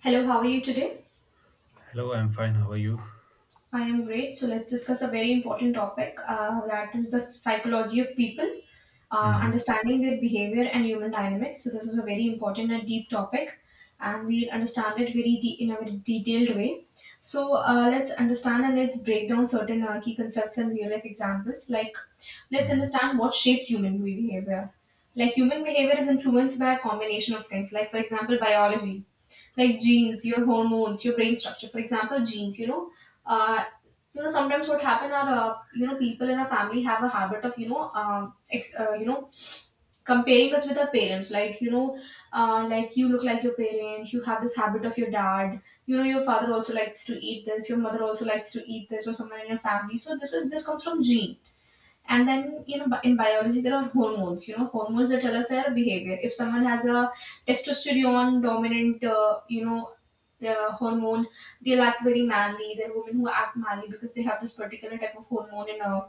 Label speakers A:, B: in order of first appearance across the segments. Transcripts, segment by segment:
A: Hello, how are you today?
B: Hello, I'm fine. How are you?
A: I am great. So let's discuss a very important topic, that is the psychology of people,
B: Mhm,
A: understanding their behavior and human dynamics. So this is a very important and deep topic, and we'll understand it in a very detailed way. So let's understand and let's break down certain key concepts and real life examples. Like let's
B: mhm.
A: understand what shapes human behavior. Like human behavior is influenced by a combination of things. Like for example, biology like genes, your hormones, your brain structure. For example, genes, uh, sometimes what happen are, people in a family have a habit of, comparing us with our parents. Like, like you look like your parent, you have this habit of your dad, your father also likes to eat this, your mother also likes to eat this, or someone in your family. So this comes from genes. And then, in biology, there are hormones, hormones that tell us our behavior. If someone has a testosterone dominant, hormone, they'll act very manly. There are women who act manly because they have this particular type of hormone in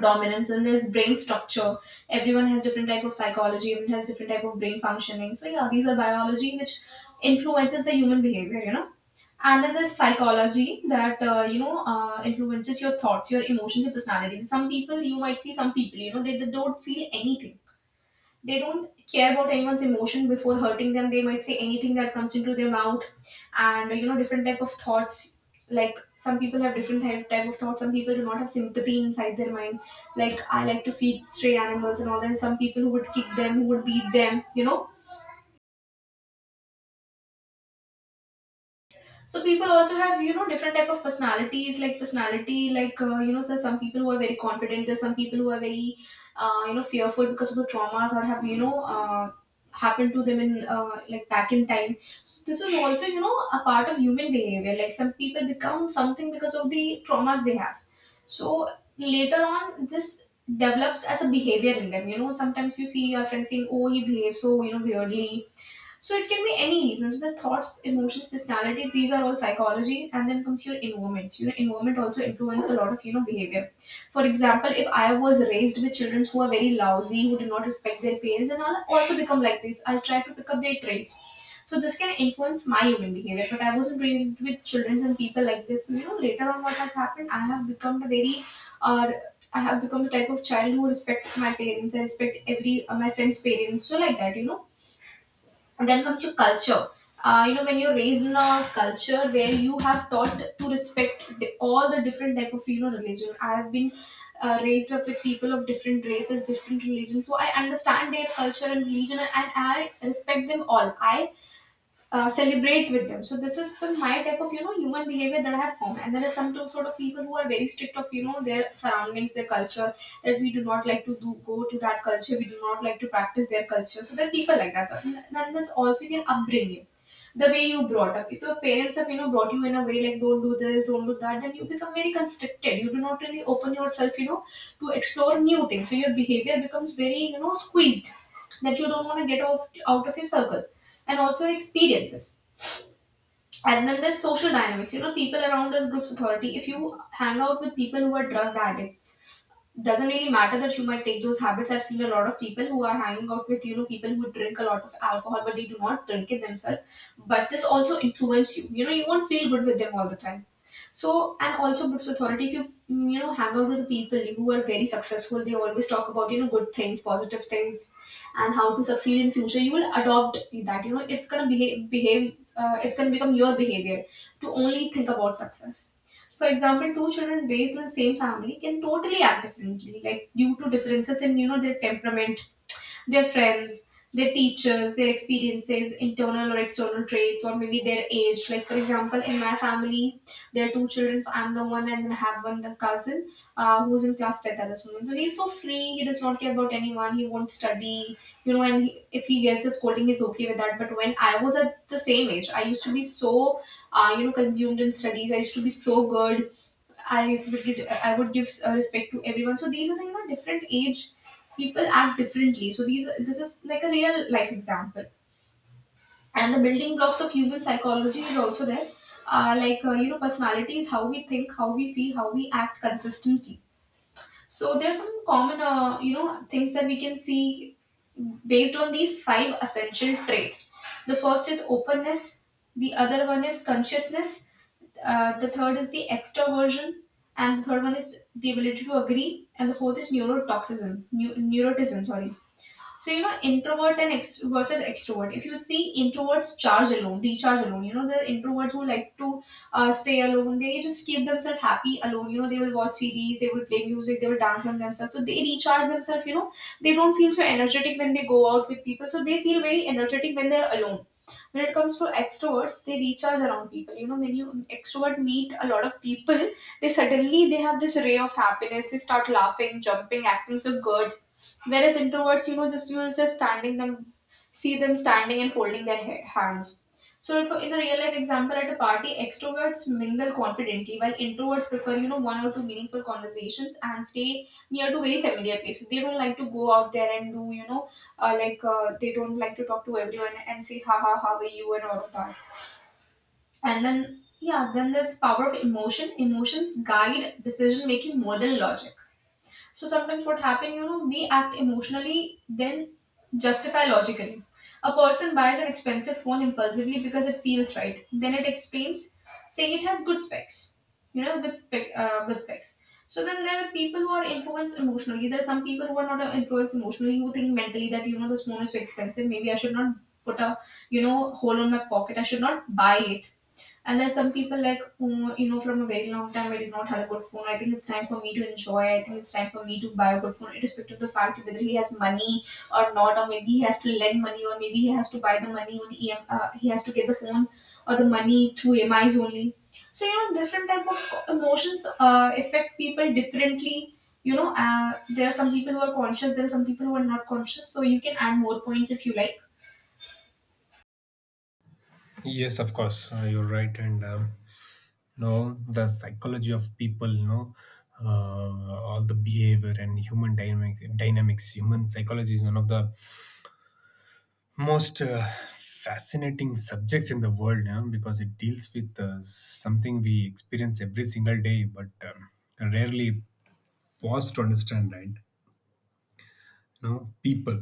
A: dominance. And there's brain structure. Everyone has different type of psychology. Everyone has different type of brain functioning. So yeah, these are biology which influences the human behavior, and then there's psychology that influences your thoughts, your emotions, your personality. Some people you might see, some people, they don't feel anything. They don't care about anyone's emotion before hurting them. They might say anything that comes into their mouth. And different type of thoughts. Like some people have different type of thoughts. Some people do not have sympathy inside their mind. Like I like to feed stray animals and all that. Some people who would kick them, who would beat them. So people also have different type of personalities. Like personality, like so some people who are very confident, there's some people who are very fearful because of the traumas that have, happened to them in like back in time. So this is also a part of human behavior. Like some people become something because of the traumas they have. So later on this develops as a behavior in them. Sometimes you see your friends saying, oh, he behaves so, weirdly. So it can be any reasons. The thoughts, emotions, personality, these are all psychology, and then comes your environment. Environment also influence a lot of behavior. For example, if I was raised with children who are very lousy, who do not respect their parents, and I'll also become like this. I'll try to pick up their traits. So this can influence my human behavior. But I wasn't raised with children and people like this. So, later on, what has happened? Uh, I have become the type of child who respect my parents. I respect every my friends' parents. So like that, and then comes your culture. When you're raised in a culture where you have taught to respect all the different type of religion. I have been raised up with people of different races, different religions, so I understand their culture and religion, and I respect them all. I celebrate with them. So this is the my type of human behavior that I have formed. And there are some sort of people who are very strict of their surroundings, their culture, that we do not like to do go to that culture. We do not like to practice their culture. So there are people like that. And then there's also your upbringing, the way you brought up. If your parents have brought you in a way like don't do this, don't do that, then you become very constricted. You do not really open yourself, to explore new things. So your behavior becomes very squeezed, that you don't want to get off out of your circle. And also your experiences. And then there's social dynamics, people around us, groups, authority. If you hang out with people who are drug addicts, doesn't really matter that you might take those habits. I've seen a lot of people who are hanging out with, people who drink a lot of alcohol, but they do not drink it themselves. But this also influence you. You won't feel good with them all the time. So, and also Brooks Authority, if you, hang out with people who are very successful, they always talk about, good things, positive things, and how to succeed in future. You will adopt that, it's going to become your behavior to only think about success. For example, two children raised in the same family can totally act differently, like due to differences in their temperament, their friends, their teachers, their experiences, internal or external traits, or maybe their age. Like for example, in my family, there are two children. So I'm the one, and then I have one the cousin, who's in class 10th at this moment. So he's so free, he does not care about anyone, he won't study. And if he gets a scolding, he's okay with that. But when I was at the same age, I used to be so consumed in studies. I used to be so good. I would give respect to everyone. So these are the different age people act differently. So these this is like a real life example. And the building blocks of human psychology is also there. Personality is how we think, how we feel, how we act consistently. So there's some common, things that we can see based on these five essential traits. The first is openness. The other one is consciousness. The third is the extroversion, and the third one is the ability to agree. And the fourth is neurotoxism, neuroticism. Sorry. Introvert and versus extrovert. If you see introverts recharge alone. The introverts who like to stay alone, they just keep themselves happy alone. They will watch series, they will play music, they will dance on themselves. So they recharge themselves. They don't feel so energetic when they go out with people. So they feel very energetic when they're alone. When it comes to extroverts, they recharge around people. When you extrovert meet a lot of people, they have this ray of happiness, they start laughing, jumping, acting so good. Whereas introverts, just you will just standing them, see them standing and folding their hands. So, if in a real life example at a party, extroverts mingle confidently, while introverts prefer, one or two meaningful conversations and stay near to very familiar places. They don't like to go out there and do, they don't like to talk to everyone and say, ha ha, how are you, and all of that. And then, yeah, then there's power of emotion. Emotions guide decision making more than logic. So sometimes what happen, we act emotionally, then justify logically. A person buys an expensive phone impulsively because it feels right. Then it explains, saying it has good specs, good specs. So then there are people who are influenced emotionally. There are some people who are not influenced emotionally, who think mentally that this phone is so expensive. Maybe I should not put a hole on my pocket. I should not buy it. And there's some people like who, from a very long time I did not had a good phone. I think it's time for me to enjoy. I think it's time for me to buy a good phone, irrespective of the fact whether he has money or not, or maybe he has to lend money, or maybe he has to buy the money on EM. He has to get the phone or the money through EMIs only. So different type of emotions affect people differently. There are some people who are conscious. There are some people who are not conscious. So you can add more points if you like.
B: Yes, of course. You're right. And You know, the psychology of people. All the behavior and human dynamics. Human psychology is one of the most fascinating subjects in the world, you know, because it deals with something we experience every single day, but rarely pause to understand. Right. You know, people,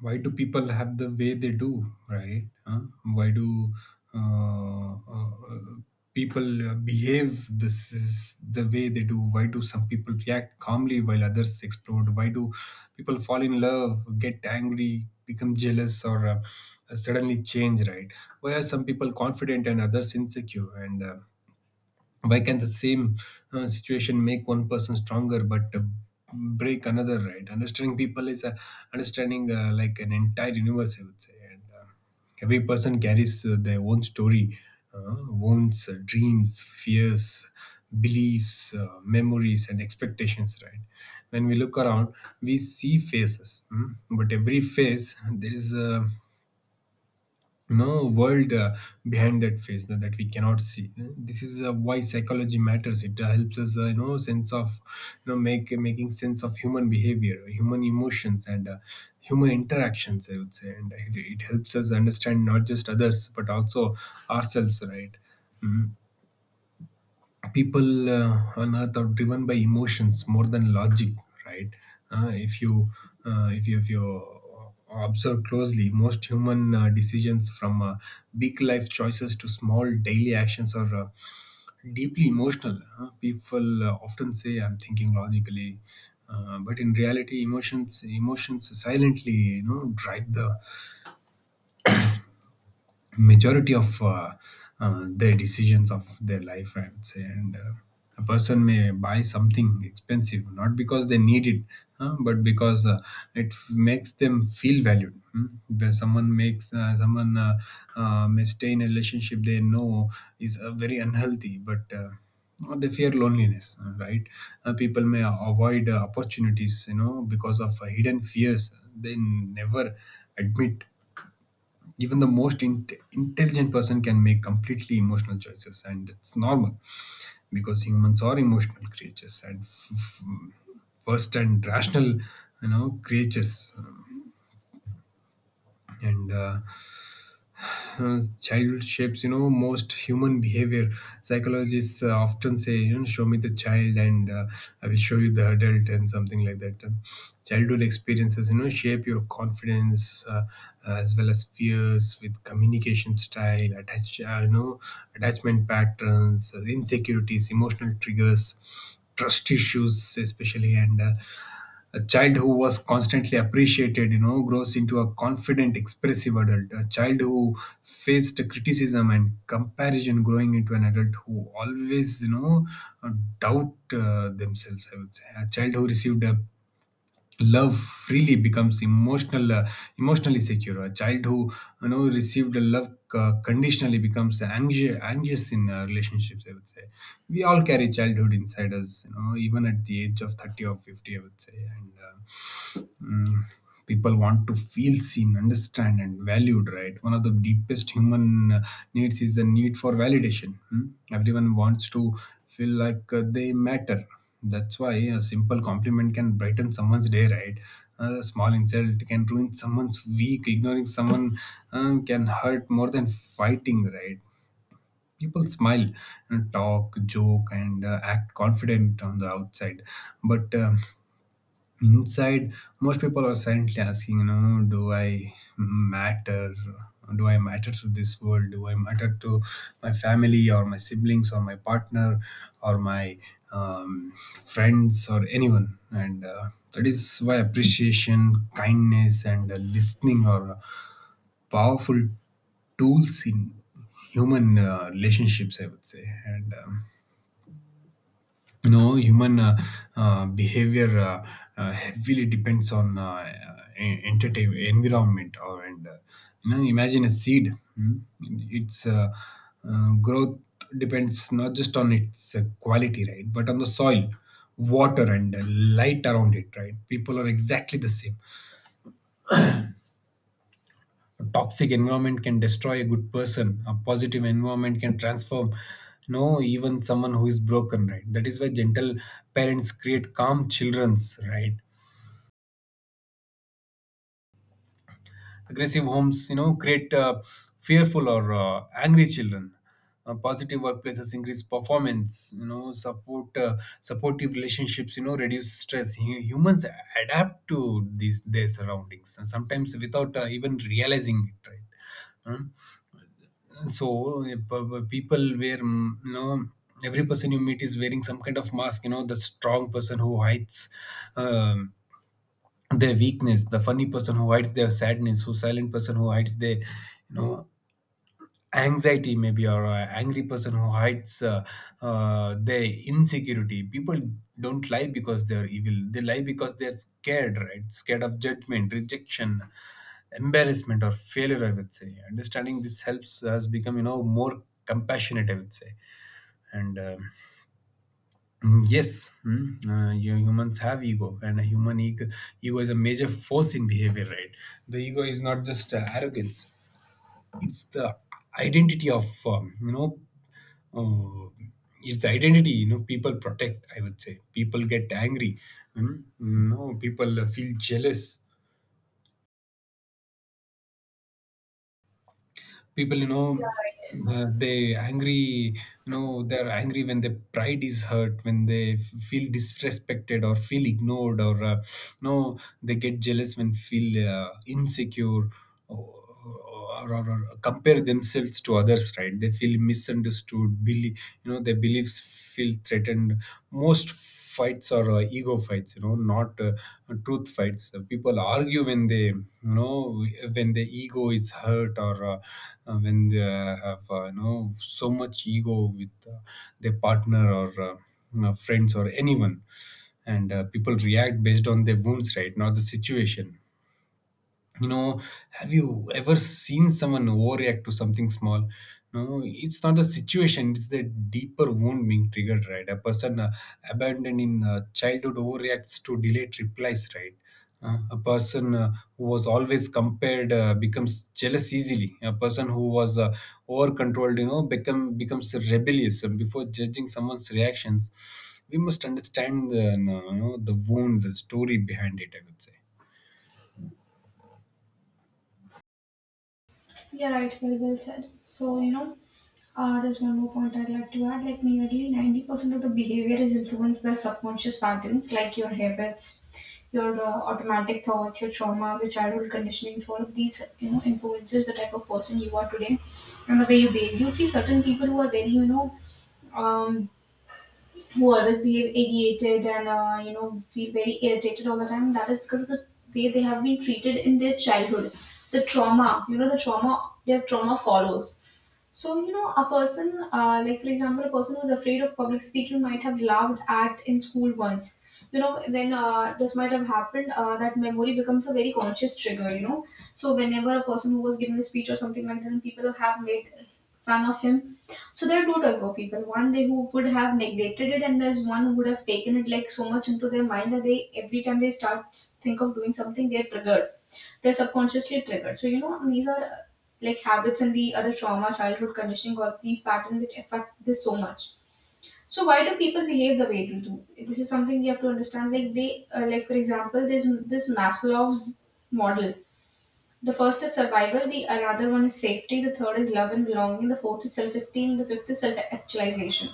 B: why do people have the way they do, right? Huh? Why do uh, uh, uh, people behave this is the way they do? Why do some people react calmly while others explode? Why do people fall in love, get angry, become jealous, or suddenly change, right? Why are some people confident and others insecure, and why can the same situation make one person stronger but break another, right? understanding people is a, Understanding like an entire universe, I would say. And every person carries their own story, wounds, dreams, fears, beliefs, memories, and expectations, right? When we look around, we see faces, but every face, there is a, you know, world behind that face that we cannot see. This is why psychology matters. It helps us, you know sense of you know make making sense of human behavior, human emotions, and human interactions, I would say. And it helps us understand not just others but also ourselves, right? People on earth are driven by emotions more than logic, right? uh, if you if you observe closely, most human decisions, from big life choices to small daily actions, are deeply emotional. Huh? People often say, I'm thinking logically, but in reality, emotions silently, you know, drive the majority of their decisions of their life, I would say. And A person may buy something expensive not because they need it, but because it makes them feel valued. Hmm? Because Someone makes someone may stay in a relationship they know is very unhealthy, but they fear loneliness, right. People may avoid opportunities, you know, because of hidden fears they never admit. Even the most intelligent person can make completely emotional choices, and it's normal, because humans are emotional creatures and first and rational, you know, creatures. And Child shapes, you know, most human behavior. Psychologists often say, you know, show me the child, and I will show you the adult, and something like that. Childhood experiences, you know, shape your confidence as well as fears, with communication style, attach you know, attachment patterns, insecurities, emotional triggers, trust issues especially. And A child who was constantly appreciated, you know, grows into a confident, expressive adult. A child who faced criticism and comparison, growing into an adult who always, you know, uh, doubt themselves, I would say. A child who received a love freely becomes emotionally secure. A child who, you know, received a love conditionally becomes anxious in relationships, I would say. We all carry childhood inside us, you know, even at the age of 30 or 50, I would say. Mm, People want to feel seen, understand, and valued, right? One of the deepest human needs is the need for validation. Hmm? Everyone wants to feel like they matter. That's why a simple compliment can brighten someone's day, right? A small insult can ruin someone's week. Ignoring someone can hurt more than fighting, right? People smile, and talk, joke, and act confident on the outside, but inside, most people are silently asking, you know, do I matter? Do I matter to this world? Do I matter to my family, or my siblings, or my partner, or my, um, friends, or anyone? And that is why appreciation, kindness, and listening are powerful tools in human relationships, I would say. And You know, human behavior heavily depends on en- entertain environment or and you know, imagine a seed. mm, its growth depends not just on its quality, right, but on the soil, water, and light around it, right? People are exactly the same. A toxic environment can destroy a good person. A positive environment can transform, you know, even someone who is broken, right? That is why gentle parents create calm children's, right? Aggressive homes, you know, create fearful or angry children. Positive workplaces increase performance, you know, supportive relationships, you know, reduce stress. Humans adapt to these their surroundings, and sometimes without even realizing it, right? Hmm? So people wear, you know, every person you meet is wearing some kind of mask, you know, the strong person who hides um, their weakness, the funny person who hides their sadness, who silent person who hides their, you know, anxiety, maybe, or an angry person who hides their insecurity. People don't lie because they're evil, they lie because they're scared, right? Scared of judgment, rejection, embarrassment, or failure, I would say. Understanding this helps us become, you know, more compassionate, I would say. and um, yes, you humans have ego, and a human ego, ego is a major force in behavior, right? The ego is not just arrogance, it's the identity of, uh, it's identity, you know, people protect, I would say. People get angry, mm, no people feel jealous, people, you know, they angry you know, they're angry when their pride is hurt, when they feel disrespected or feel ignored, or no they get jealous when feel insecure, or, or compare themselves to others, right? They feel misunderstood, believe, you know, their beliefs feel threatened. Most fights are ego fights, you know, not truth fights. People argue when they, you know, when the ego is hurt, or when they have, you know, so much ego with their partner, or you know, friends, or anyone. And People react based on their wounds, right, not the situation, you know. Have you ever seen someone overreact to something small? No, it's not a situation, it's the deeper wound being triggered, right? A person abandoned in childhood overreacts to delayed replies, right? A person who was always compared becomes jealous easily. A person who was over controlled, you know, becomes rebellious. And before judging someone's reactions, we must understand the, you know, the wound, the story behind it, I would say.
A: Yeah, right. Well said. So, there's one more point I'd like to add. Like, nearly 90% of the behavior is influenced by subconscious patterns, like your habits, your automatic thoughts, your traumas, your childhood conditionings. All of these, you know, influences the type of person you are today and the way you behave. You see certain people who are very, you know, um, who always behave ideated and feel very irritated all the time. That is because of the way they have been treated in their childhood. The trauma you know the trauma their trauma follows. So, a person, like for example, a person who's afraid of public speaking might have laughed at in school once. You know, when this might have happened, that memory becomes a very conscious trigger, you know. So, whenever a person who was giving a speech or something like that, and people have made fun of him. So, there are two type of people, one they who would have neglected it, and there's one who would have taken it like so much into their mind that they, every time they start think of doing something, they're triggered they're subconsciously triggered. So these are like habits and the other trauma, childhood conditioning, all these patterns that affect this so much. So why do people behave the way they do? This is something we have to understand. Like for example, there's this Maslow's model. The first is survival, the another one is safety, the third is love and belonging, the fourth is self-esteem, the fifth is self-actualization.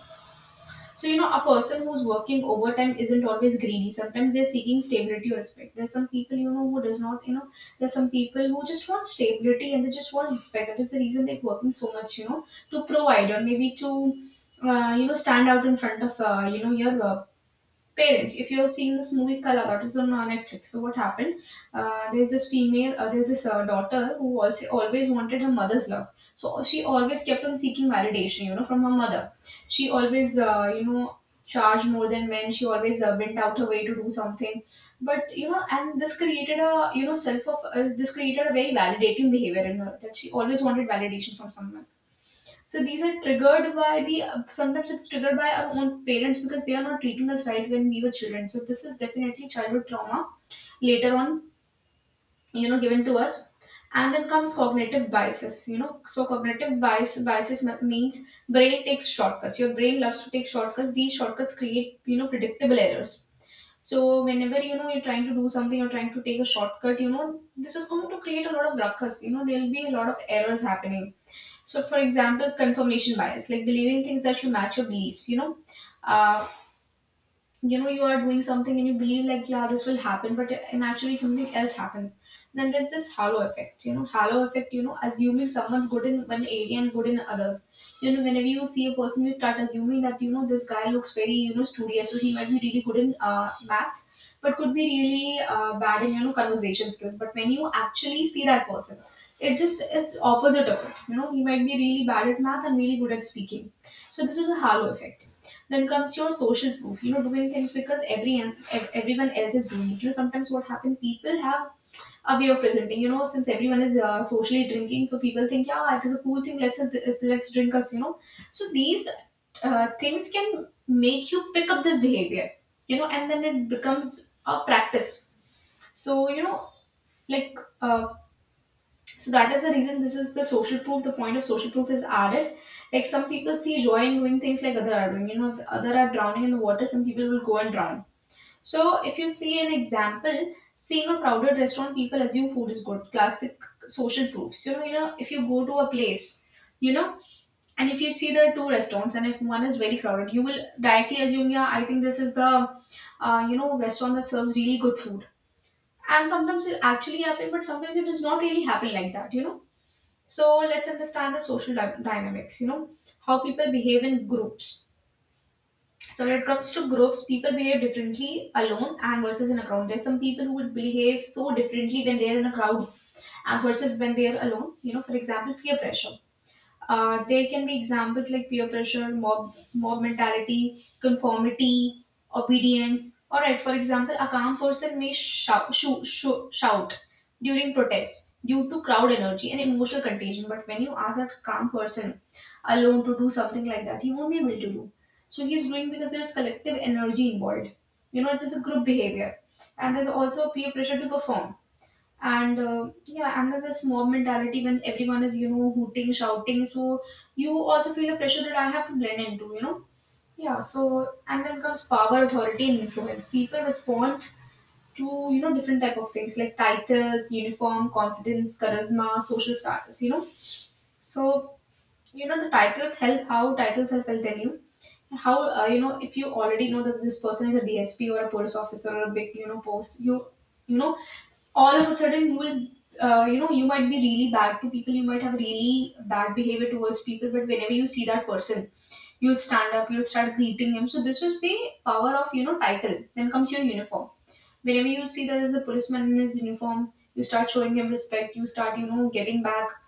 A: So, a person who's working overtime isn't always greedy. Sometimes they're seeking stability or respect. There's some people, who does not, there's some people who just want stability and they just want respect. That is the reason they're working so much, you know, to provide or maybe to, stand out in front of, your parents. If you are seeing this movie Kalagat, it's on Netflix. So what happened, there's this female, there's this daughter who also always wanted her mother's love. So she always kept on seeking validation, you know, from her mother. She always charged more than men. She always went out her way to do something. But you know, and this created a you know self of this created a very validating behavior in her that she always wanted validation from someone. So these are triggered by the, sometimes it's triggered by our own parents because they are not treating us right when we were children. So this is definitely childhood trauma later on, you know, given to us. And then comes cognitive biases, you know. So cognitive biases means brain takes shortcuts. Your brain loves to take shortcuts. These shortcuts create, you know, predictable errors. So whenever you know you're trying to do something, you're trying to take a shortcut, you know, this is going to create a lot of ruckus. You know, there'll be a lot of errors happening. So, for example, confirmation bias, like believing things that should match your beliefs, you know. Uh, you know, you are doing something and you believe like, yeah, this will happen, but and actually something else happens. Then there's this halo effect. You know, halo effect, you know, assuming someone's good in one area and good in others. You know, whenever you see a person you start assuming that, you know, this guy looks very, you know, studious, so he might be really good in maths but could be really bad in, you know, conversation skills. But when you actually see that person, it just is opposite of it. You know, he might be really bad at math and really good at speaking. So this is a halo effect. Then comes your social proof. You know, doing things because everyone else is doing it. You know, sometimes what happens, people have a way of presenting. You know, since everyone is socially drinking, so people think, yeah, it is a cool thing. Let's drink us. You know, so these things can make you pick up this behavior. You know, and then it becomes a practice. So you know, like uh, so that is the reason, this is the social proof. The point of social proof is added. Like some people see joy in doing things like other are doing. You know, if other are drowning in the water, some people will go and drown. So if you see an example, seeing a crowded restaurant, people assume food is good. Classic social proofs. If you go to a place, you know, and if you see there are two restaurants and if one is very crowded, you will directly assume, yeah, I think this is the, you know, restaurant that serves really good food. And sometimes it actually happens, but sometimes it does not really happen like that. You know, so let's understand the social dynamics, you know, how people behave in groups. So when it comes to groups, people behave differently alone and versus in a crowd. There's some people who would behave so differently when they're in a crowd and versus when they're alone. You know, for example, peer pressure. There can be examples like peer pressure, mob mentality, conformity, obedience. All right, for example, a calm person may shout, shoo, shoo, shout during protest due to crowd energy and emotional contagion. But when you ask that calm person alone to do something like that, he won't be able to do. So he's doing because there's collective energy involved. You know, it is a group behavior. And there's also peer pressure to perform. And yeah, and then this mob mentality, when everyone is, you know, hooting, shouting, so you also feel the pressure that I have to blend into, you know. Yeah, so, and then comes power, authority, and influence. People respond to, you know, different type of things like titles, uniform, confidence, charisma, social status, you know. So, you know, the titles help. How titles help, I'll tell you. How, you know, if you already know that this person is a DSP or a police officer or a big, you know, post, you know, all of a sudden you will, you know, you might be really bad to people. You might have really bad behavior towards people, but whenever you see that person, you'll stand up, you'll start greeting him. So this is the power of, you know, title. Then comes your uniform. Whenever you see there is a policeman in his uniform, you start showing him respect, you start, you know, getting back.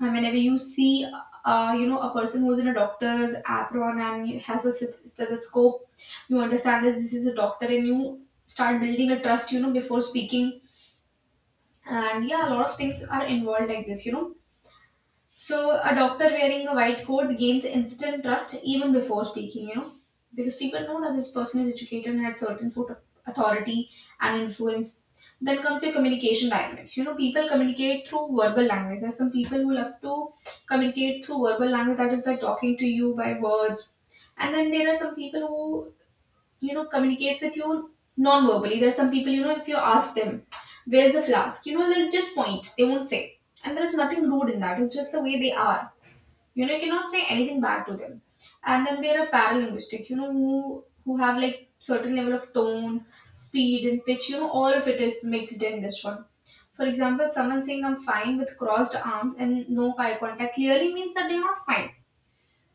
A: And whenever you see, you know, a person who's in a doctor's apron and has a stethoscope, you understand that this is a doctor and you start building a trust, you know, before speaking. And yeah, a lot of things are involved like this, you know. So a doctor wearing a white coat gains instant trust even before speaking, you know, because people know that this person is educated and had certain sort of authority and influence. Then comes your communication dynamics, you know. People communicate through verbal language. There are some people who love to communicate through verbal language, that is, by talking to you, by words. And then there are some people who, you know, communicates with you non-verbally. There are some people, you know, if you ask them, where's the flask, you know, they'll just point, they won't say, and there's nothing rude in that, it's just the way they are. You know, you cannot say anything bad to them. And then there are paralinguistic, you know, who have like certain level of tone, speed, and pitch, you know, all of it is mixed in this one. For example, someone saying I'm fine with crossed arms and no eye contact clearly means that they're not fine.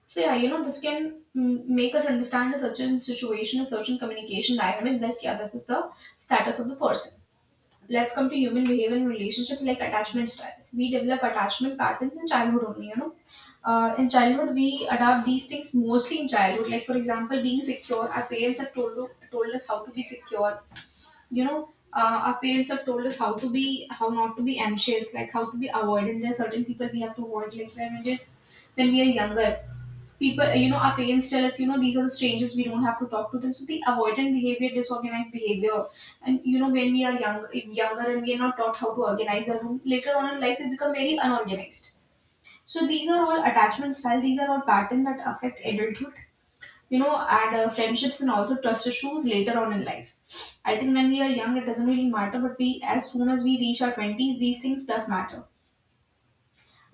A: So yeah, you know, this can make us understand a certain situation, a certain communication dynamic that, yeah, this is the status of the person. Let's come to human behavior and relationship like attachment styles. We develop attachment patterns in childhood only, you know. In childhood, we adopt these things mostly in childhood. Like for example, being secure. Our parents have told us how to be secure. You know, our parents have told us how to be, how not to be anxious, like how to be avoidant. There are certain people we have to avoid. Like when we are younger, people, you know, our parents tell us, you know, these are the strangers we don't have to talk to them. So the avoidant behavior, disorganized behavior, and you know, when we are younger and we are not taught how to organize our room, later on in life we become very unorganized. So these are all attachment style, these are all patterns that affect adulthood, you know, and friendships and also trust issues later on in life. I think when we are young it doesn't really matter, but we, as soon as we reach our 20s, these things does matter.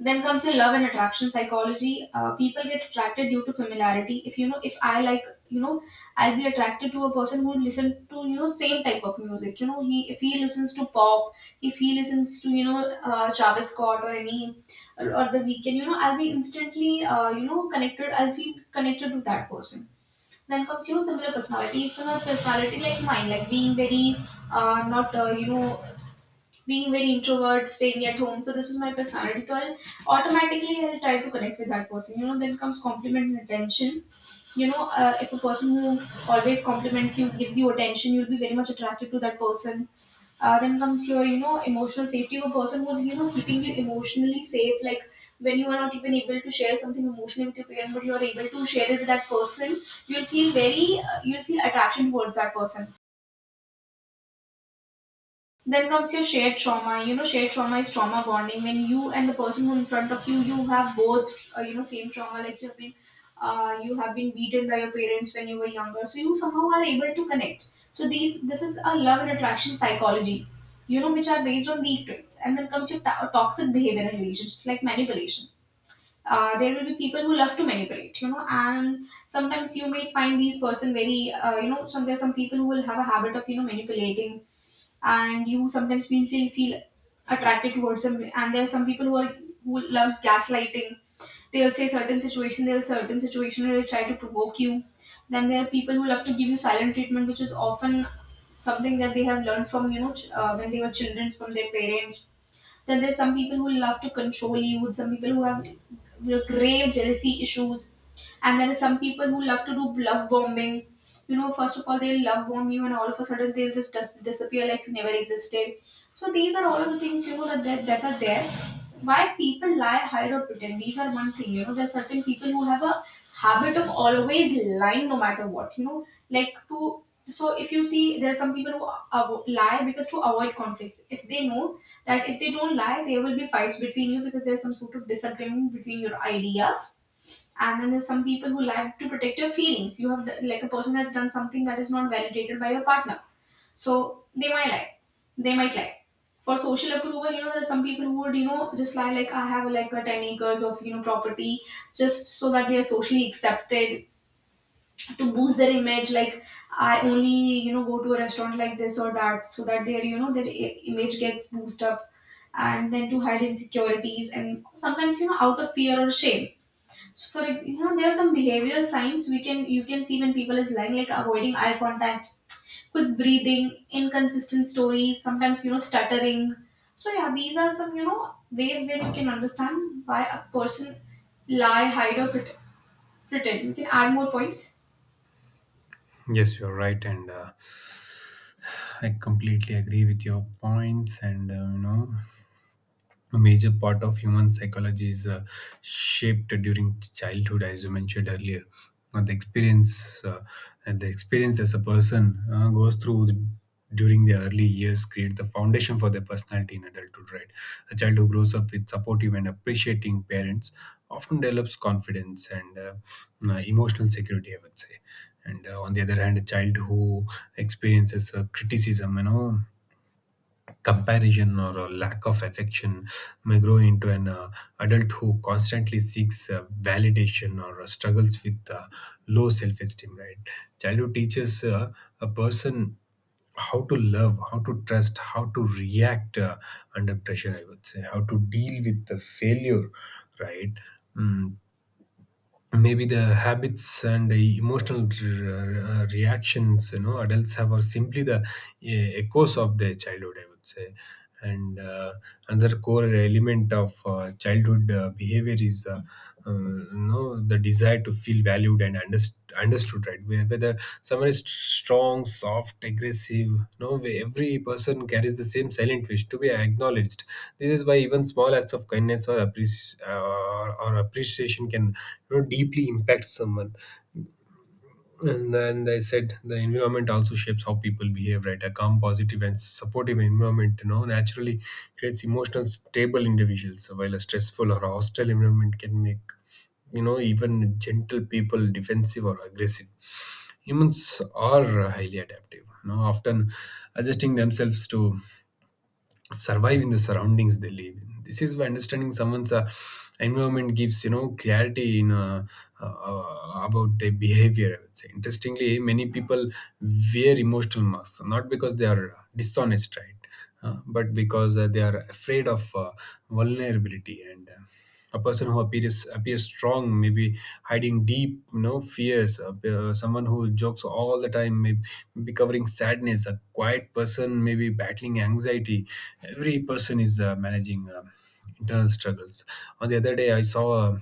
A: Then comes your love and attraction psychology. People get attracted due to familiarity. If I like, you know, I'll be attracted to a person who listen to, you know, same type of music. You know, he if he listens to pop, if he listens to Travis Scott or any or the weekend, you know, I'll be instantly, you know, connected. I'll feel connected to that person. Then comes, you know, similar personality. If similar personality like mine, like being very, not you know being very introvert, staying at home. So this is my personality. So I'll automatically I'll try to connect with that person. You know, then comes compliment and attention. You know, if a person who always compliments you, gives you attention, you'll be very much attracted to that person. Then comes your, you know, emotional safety. A person who's, you know, keeping you emotionally safe. Like when you are not even able to share something emotionally with your parent, but you are able to share it with that person, you'll feel you'll feel attraction towards that person. Then comes your shared trauma. You know, shared trauma is trauma bonding. When you and the person who in front of you, you have both, you know, same trauma. Like you have been beaten by your parents when you were younger, so you somehow are able to connect. So this is a love and attraction psychology, you know, which are based on these traits. And then comes your toxic behavior in relationships, like manipulation. Uh, there will be people who love to manipulate, you know, and sometimes you may find these person very, you know some there are some people who will have a habit of, you know, manipulating, and you sometimes will feel, attracted towards them. And there are some people who are, who loves gaslighting. They'll say certain situation, they'll certain situation will try to provoke you. Then there are people who love to give you silent treatment, which is often something that they have learned from, you know, when they were children, from their parents. Then there's some people who love to control you, some people who have grave jealousy issues, and there are some people who love to do love bombing. You know, first of all, they'll love bomb you, and all of a sudden they'll just disappear like you never existed. So these are all of the things, you know, that are there. Why people lie, hide, or pretend? These are one thing. You know, there are certain people who have a habit of always lying no matter what. You know, like to, so if you see there are some people who lie because to avoid conflicts. If they know that if they don't lie, there will be fights between you because there's some sort of disagreement between your ideas. And then there's some people who lie to protect your feelings. You have, like, a person has done something that is not validated by your partner. So they might lie. They might lie. For social approval, you know, there are some people who would, you know, just lie like, I have like a 10 acres of, you know, property, just so that they are socially accepted, to boost their image, like I only, you know, go to a restaurant like this or that, so that their, you know, their image gets boosted up. And then to hide insecurities, and sometimes, you know, out of fear or shame. So for you know, there are some behavioral signs we can, you can see when people is lying, like avoiding eye contact, quick breathing, inconsistent stories, sometimes, you know, stuttering. So yeah, these are some, you know, ways where you can understand why a person lie, hide, or pretend. You can add more points.
B: Yes, you're right, and I completely agree with your points. And you know, a major part of human psychology is shaped during childhood, as you mentioned earlier. The experience uh, and the experience as a person uh, goes through the, during the early years create the foundation for their personality in adulthood, right? A child who grows up with supportive and appreciating parents often develops confidence and emotional security, I would say. And on the other hand, a child who experiences criticism, you know, comparison, or a lack of affection, may grow into an adult who constantly seeks validation, or struggles with low self-esteem, right? Childhood teaches a person how to love, how to trust, how to react under pressure, I would say, how to deal with the failure, right? Mm, Maybe the habits and the emotional reactions, you know, adults have are simply the echoes of their childhood, I would say. And another core element of childhood behavior is, you know, the desire to feel valued and understood, right? Whether someone is strong, soft, aggressive, no way, every person carries the same silent wish to be acknowledged. This is why even small acts of kindness or appreciation can, you know, deeply impact someone. And then they said the environment also shapes how people behave, right? A calm, positive, and supportive environment, you know, naturally creates emotional stable individuals, while a stressful or hostile environment can make, you know, even gentle people defensive or aggressive. Humans are highly adaptive, you know, often adjusting themselves to survive in the surroundings they live in. This is why understanding someone's environment gives, you know, clarity in about their behavior, I would say. Interestingly, many people wear emotional masks not because they are dishonest, right, but because they are afraid of vulnerability. And a person who appears strong may be hiding deep, you know, fears. Someone who jokes all the time may be covering sadness. A quiet person may be battling anxiety. Every person is managing internal struggles. On the other day I saw a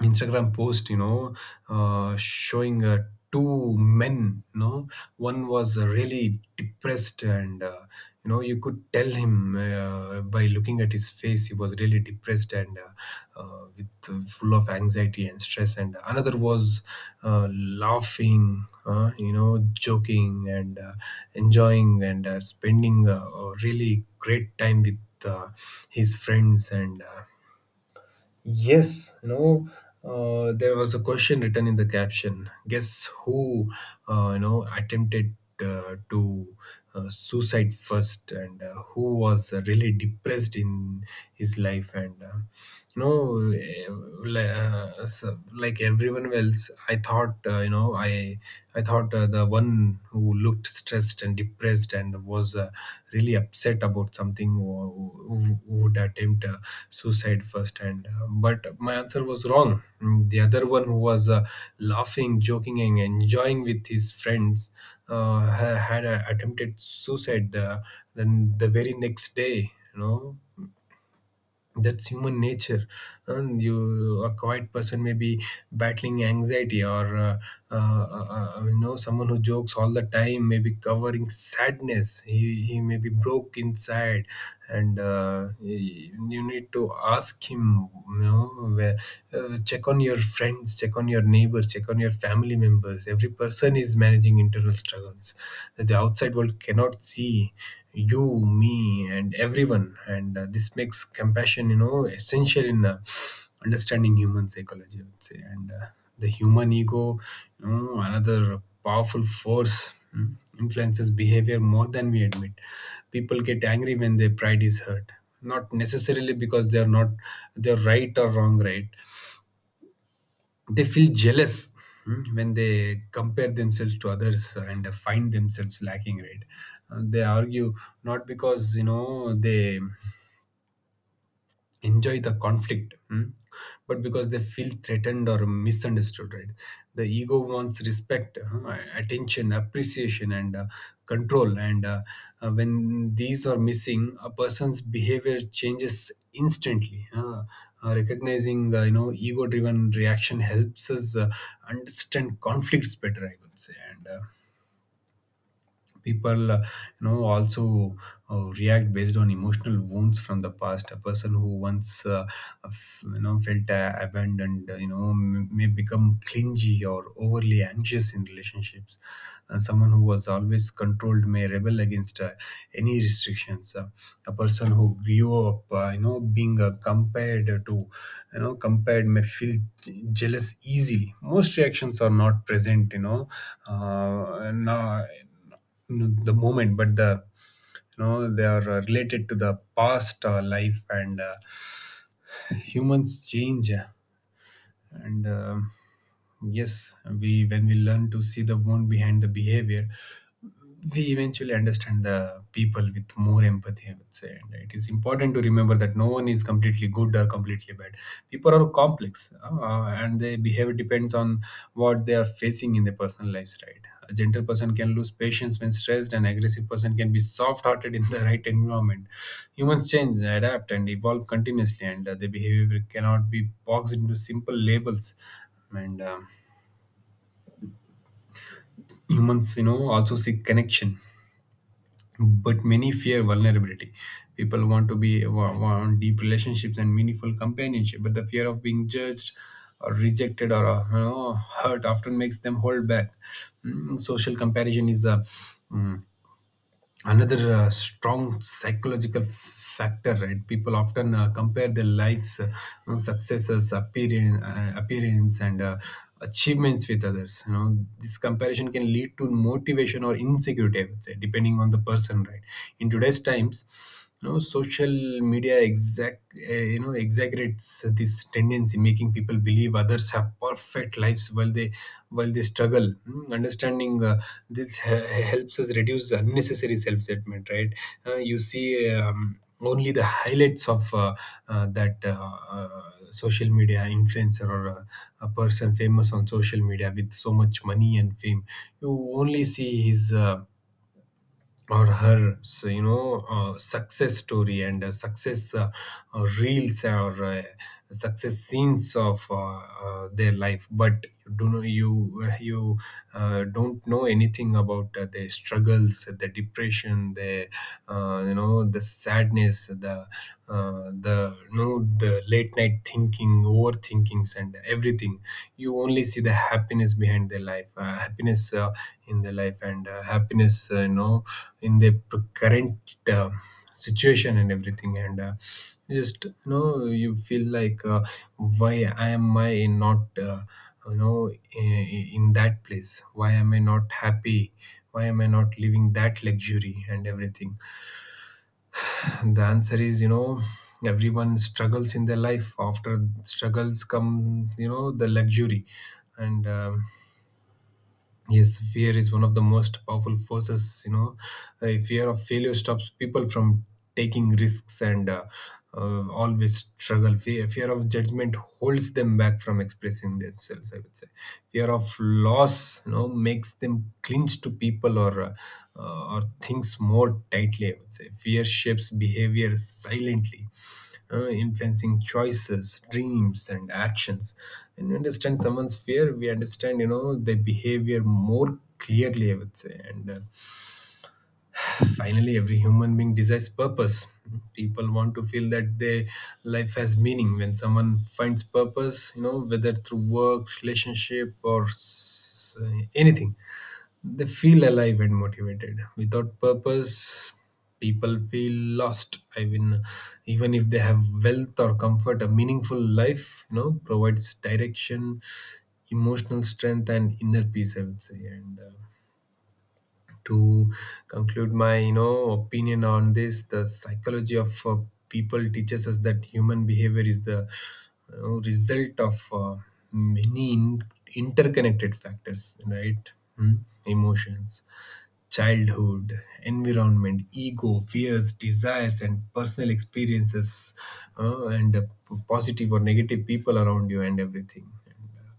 B: Instagram post, showing two men. One was really depressed, and you could tell him by looking at his face, he was really depressed and with full of anxiety and stress. And another was laughing, joking and enjoying and spending a really great time with uh, his friends and. Yes, there was a question written in the caption. Guess who attempted to suicide first, and who was really depressed in his life, and no eh, li- s- like everyone else, I thought, you know, I thought the one who looked stressed and depressed and was really upset about something, who would attempt suicide first, and but my answer was wrong. The other one who was laughing, joking and enjoying with his friends had attempted suicide then the very next day, you know. That's human nature. And you, a quiet person may be battling anxiety or, someone who jokes all the time may be covering sadness. He may be broke inside. And you need to ask him, you know where, check on your friends, check on your neighbors, check on your family members. Every person is managing internal struggles that the outside world cannot see. You, me and everyone. And this makes compassion, essential in understanding human psychology, I would say. And the human ego, you know, another powerful force, influences behavior more than we admit. People get angry when their pride is hurt, not necessarily because they are not they're right or wrong, right. They feel jealous when they compare themselves to others and find themselves lacking, right. They argue not because they enjoy the conflict, but because they feel threatened or misunderstood, right. The ego wants respect, attention, appreciation and control. And when these are missing, a person's behavior changes instantly. Recognizing ego driven reaction helps us understand conflicts better, I would say. And people, also react based on emotional wounds from the past. A person who once felt abandoned, may become clingy or overly anxious in relationships. Someone who was always controlled may rebel against any restrictions. A person who grew up being compared to compared may feel jealous easily. Most reactions are not present, you know no n- the moment, but the they are related to the past life. And humans change, and yes, we when we learn to see the one behind the behavior, we eventually understand the people with more empathy, I would say. And it is important to remember that no one is completely good or completely bad. People are complex, and their behavior depends on what they are facing in their personal lives, right. A gentle person can lose patience when stressed, and aggressive person can be soft-hearted in the right environment. Humans change, adapt and evolve continuously, and their behavior cannot be boxed into simple labels. And humans, also seek connection, but many fear vulnerability. People want to be wa- want deep relationships and meaningful companionship, but the fear of being judged or rejected or hurt often makes them hold back. Social comparison is mm, another strong psychological factor, right. People often compare their lives, successes, appearance and achievements with others. This comparison can lead to motivation or insecurity, I would say, depending on the person, right. In today's times, social media exact you know exaggerates this tendency, making people believe others have perfect lives while they struggle. Understanding this helps us reduce unnecessary self-judgment, right. You see, only the highlights of that, social media influencer or a person famous on social media with so much money and fame. You only see his, or her, success story and success, reels or success scenes of their life. But you do know you you don't know anything about their struggles, the depression, the the sadness, the the late night thinking, overthinkings and everything. You only see the happiness behind their life, happiness in their life, and happiness, in their current uh, situation and everything. And just, you feel like, why am I not, in, that place, why am I not happy, why am I not living that luxury and everything? The answer is, everyone struggles in their life. After struggles come, the luxury. And yes, fear is one of the most powerful forces, you know. A fear of failure stops people from taking risks and always struggle. Fear of judgment holds them back from expressing themselves, I would say. Fear of loss, makes them clinch to people or or things more tightly, I would say. Fear shapes behavior silently, influencing choices, dreams, and actions. When we understand someone's fear, we understand, their behavior more clearly, I would say. And finally, every human being desires purpose. People want to feel that their life has meaning. When someone finds purpose, whether through work, relationship, or anything, they feel alive and motivated. Without purpose, people feel lost. I mean, even if they have wealth or comfort, a meaningful life, provides direction, emotional strength, and inner peace. I would say. And to conclude my, opinion on this, the psychology of people teaches us that human behavior is the, result of many interconnected factors, right? Hmm. Emotions, childhood, environment, ego, fears, desires, and personal experiences, and positive or negative people around you, and everything. And,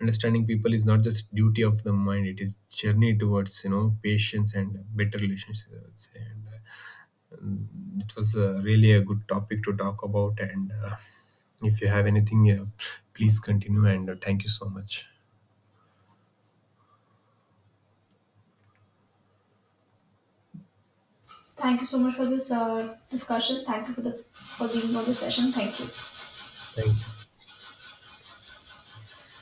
B: understanding people is not just duty of the mind; it is journey towards, patience and better relationships. I would say. And, it was really a good topic to talk about. And if you have anything, please continue. And thank you so much.
A: Thank you so much for this discussion. Thank you for the for being on the session. Thank you.
B: Thank you.